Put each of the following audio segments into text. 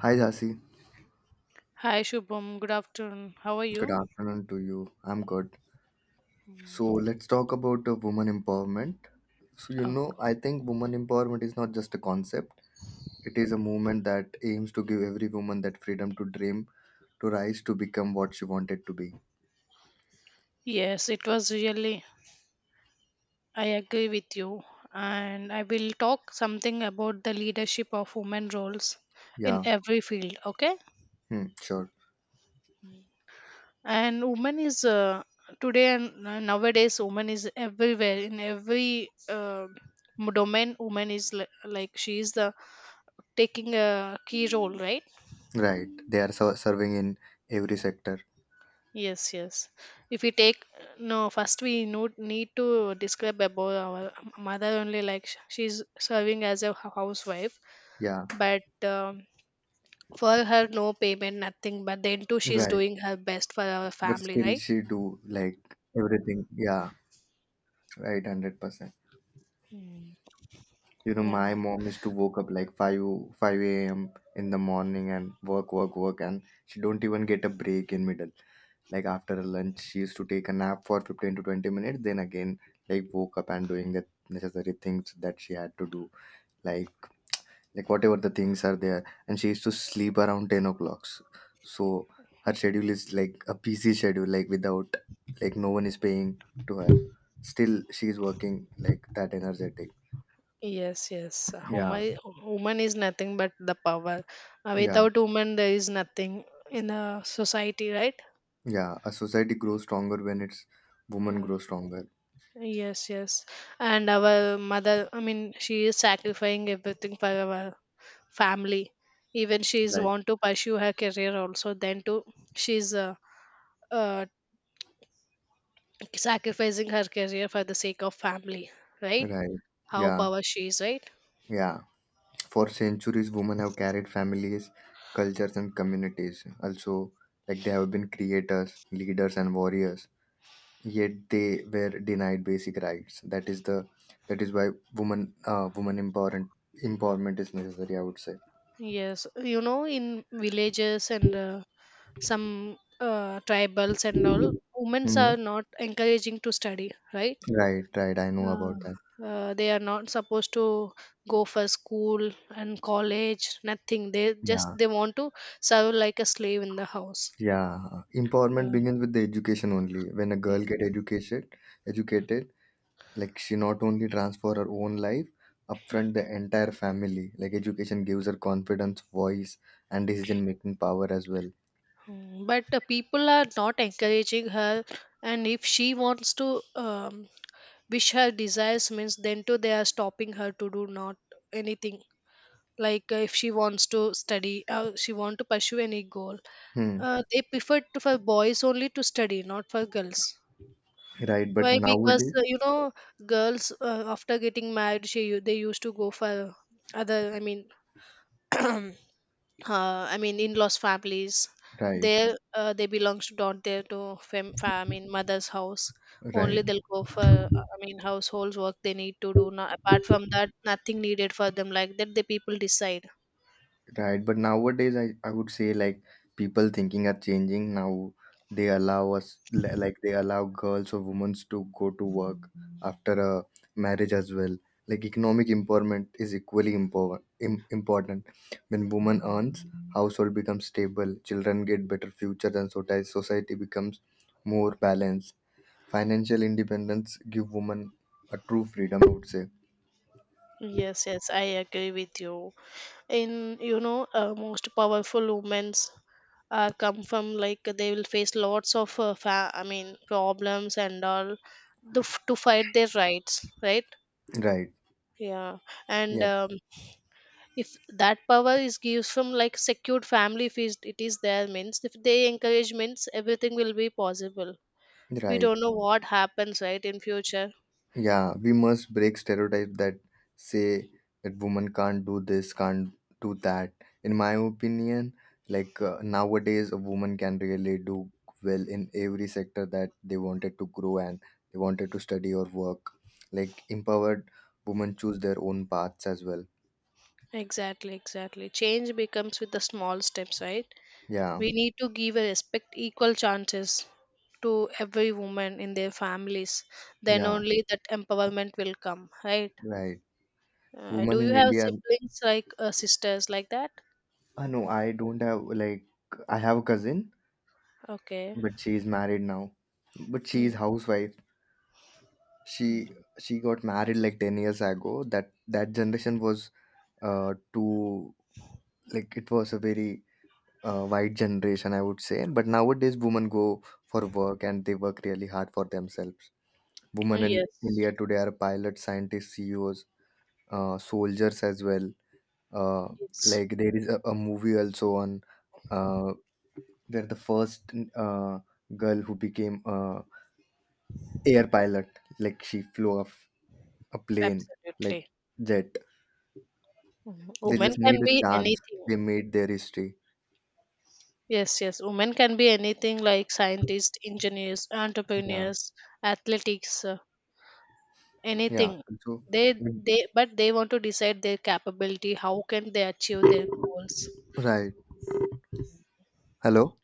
Hi Jasi, Hi Shubham, good afternoon. How are good you? afternoon to you. I'm good. So let's talk about women empowerment. So you Oh, know, I think women empowerment is not just a concept. It is a movement that aims to give every woman that freedom to dream, to rise, to become what she wanted to be. yes, it was really, I agree with you. And I will talk something about the leadership of women roles in Yeah, every field, okay? hmm, sure. And women is today and nowadays, women is everywhere in every domain. Woman is like she is the taking a key role, right? Right. They are serving in every sector. Yes, yes. If we take no, first we need to describe about our mother only. Like she's serving as a housewife, Yeah, but for her no payment, nothing. But then too, she's right. doing her best for our But family, still, right? she do like everything. Yeah, right. 100%. Mm, You know, my yeah. mom used to woke up like 5 a.m. in the morning and work, work, work, and she don't even get a break in middle. Like after lunch, she used to take a nap for 15 to 20 minutes, then again, like woke up and doing the necessary things that she had to do, like like whatever the things are there. And she used to sleep around 10 o'clock. So her schedule is like a busy schedule, like no one is paying to her. Still, she is working like that energetic. Yes, yes. Yeah, Woman, woman is nothing but the power. Yeah. Without woman, there is nothing in the society, right? Yeah, a society grows stronger when its women grow stronger. Yes, yes. And our mother, I mean, she is sacrificing everything for our family, even she's Right. want to pursue her career also, then too she's uh, sacrificing her career for the sake of family, right? Right. How Yeah. power she is, right? Yeah. For centuries, women have carried families, cultures, and communities. Also, like they have been creators, leaders, and warriors. Yet they were denied basic rights. That is why woman empowerment is necessary, I would say. Yes, you know in villages and some tribals and all, women Hmm. are not encouraging to study, right. Right, right. I know uh, about that. They are not supposed to go for school and college, nothing, they just Yeah, they want to serve like a slave in the house, yeah. yeah. Empowerment begins with the education only. When a girl get educated, like she not only transform her own life upfront the entire family. Like education gives her confidence, voice, and decision making power as well. Mm, but the people are not encouraging her, and if she wants to um, wish her desires, means then too they are stopping her to do not anything. Like if she wants to study, she want to pursue any goal, Hmm. They prefer to, for boys only to study, not for girls. Right, but Why? Because nowadays, you know, girls after getting married, they used to go for other. I mean. I mean, in-laws families. right, There, they belongs to don't there to I mean, mother's house. right. Only they'll go for, I mean, household work they need to do. Now, apart from that, nothing needed for them. Like that, the people decide. Right, but nowadays I would say like people thinking are changing now. They allow us like they allow girls or women to go to work after a marriage as well. Like economic empowerment is equally important. When woman earns, household becomes stable, children get better futures, and society becomes more balanced. Financial independence give women a true freedom, I would say. Yes, yes, I agree with you. In you know, most powerful women's come from like they will face lots of I mean problems and all to, to fight their rights, right? Right. Yeah, and Yeah. If that power is gives from like secured family, if it is there means if they encourage means everything will be possible. We Right. don't know what happens right in future. Yeah, we must break stereotypes that say that women can't do this, can't do that. In my opinion, like nowadays, a woman can really do well in every sector that they wanted to grow and they wanted to study or work. Like empowered women choose their own paths as well. Exactly, exactly, change becomes with the small steps, right. Yeah, We need to give a respect, equal chances to every woman in their families, then yeah, only that empowerment will come, right. right. Women Do you in have India. siblings like sisters like that? I know I don't have like I have a cousin, Okay. but she is married now, but she Mm. is housewife. she she got married like 10 years ago. That generation was too like it was a very wide generation, I would say. But nowadays women go for work and they work really hard for themselves. Women in Yes, India today are pilots, scientists, CEOs, soldiers as well. uh, yes, like there is a movie also on, uh, they're the first girl who became air pilot, like she flew off a plane, like absolutely. jet. Mhm. They Women just need can a be chance. anything. They made their history. Yes, yes. Women can be anything, like scientists, engineers, Yeah, entrepreneurs, athletics, yeah. anything. So, They em- they but they want to decide their capability. How can they achieve their goals? right. Hello.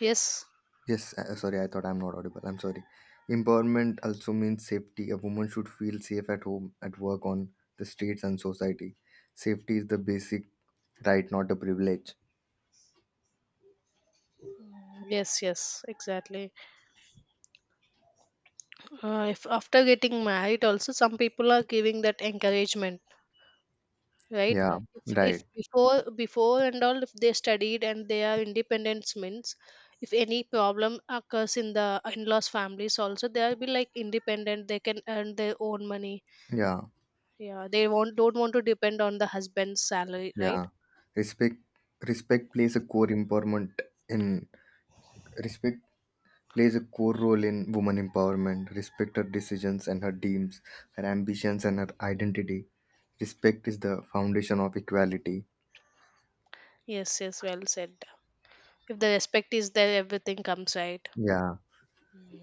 Yes, Yes. Sorry, I thought I'm not audible. I'm sorry. Empowerment also means safety. A woman should feel safe at home, at work, on the streets, and society. Safety is the basic right, not a privilege. yes, yes. Exactly. If after getting married, also some people are giving that encouragement, right. Yeah. If Right. before and all, if they studied and they are independent means, if any problem occurs in the in-laws families also, they'll be like independent, they can earn their own money, Yeah. yeah. They won't don't want to depend on the husband's salary, right. Yeah. Respect. Respect plays a core empowerment in Respect plays a core role in woman empowerment. Respect her decisions and her dreams, her ambitions and her identity. Respect is the foundation of equality. Yes, yes, well said. If the respect is there, everything comes, right. Yeah.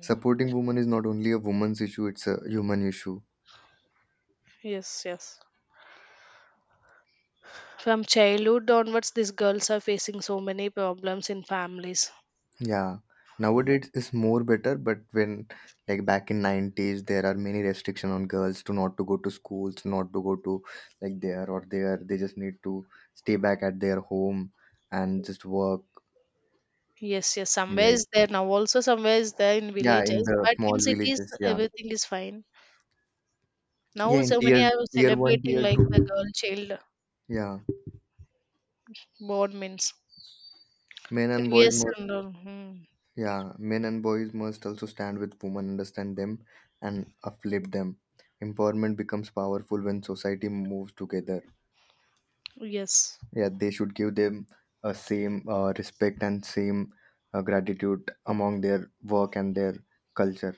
Supporting women is not only a woman's issue, it's a human issue. Yes, yes, from childhood onwards these girls are facing so many problems in families. Yeah. Nowadays it's more better, but when like back in 90s there are many restriction on girls to not to go to schools, not to go to like there or there. They just need to stay back at their home and just work Yes, yes, somewhere like. is there now. Also, somewhere is there in Yeah, in villages, the but small in cities, villages, yeah. everything is fine. Yeah, Now, in so many tier are tier one, celebrating tier like the two. girl child Yeah, born means men and boys previous must. and all. Hmm. Yeah, men and boys must also stand with women, understand them, and uplift them. Empowerment becomes powerful when society moves together. Yes, Yeah, they should give them a same respect and same gratitude among their work and their culture.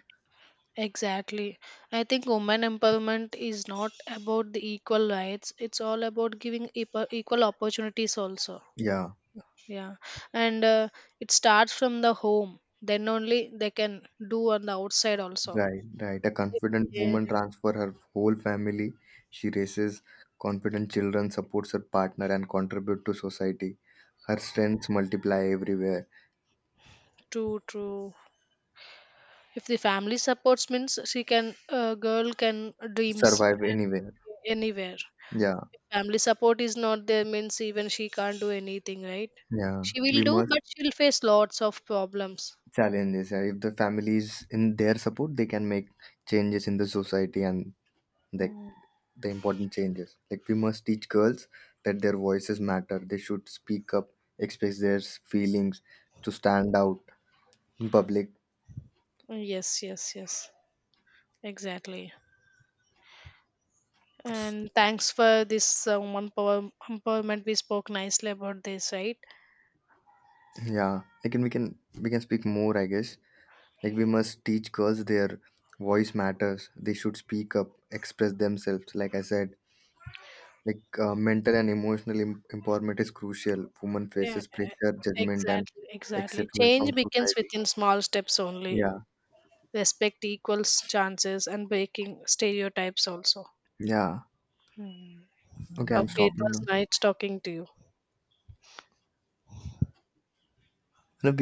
exactly. I think women empowerment is not about the equal rights, it's all about giving equal opportunities, also. Yeah. Yeah, and it starts from the home, then only they can do on the outside, also. Right, right. A confident Yeah, woman transfers her whole family. She raises confident children, supports her partner, and contribute to society. Her strengths multiply everywhere, true, true. If the family supports means she can, a girl can dreams survive anywhere. anywhere. Yeah, If family support is not there means even she can't do anything, right. yeah. She will We do must but she'll face lots of problems. challenge this. If the family is in their support, they can make changes in the society and the the important changes. Like we must teach girls that their voices matter. They should speak up, express their feelings, to stand out in public. Yes, yes, yes, exactly. And thanks for this woman power empowerment, we spoke nicely about this, right. Yeah, I can we can speak more, I guess. Like we must teach girls their voice matters. They should speak up, express themselves. Like I said, like mental and emotional empowerment is crucial. Woman Yeah, faces pressure, judgment, and exactly, exactly, exceptional from change begins society. within small steps only. Yeah, Respect, equals chances and breaking stereotypes also. yeah. Hmm. Okay, I'm Okay, it was stopping nice talking to you. now.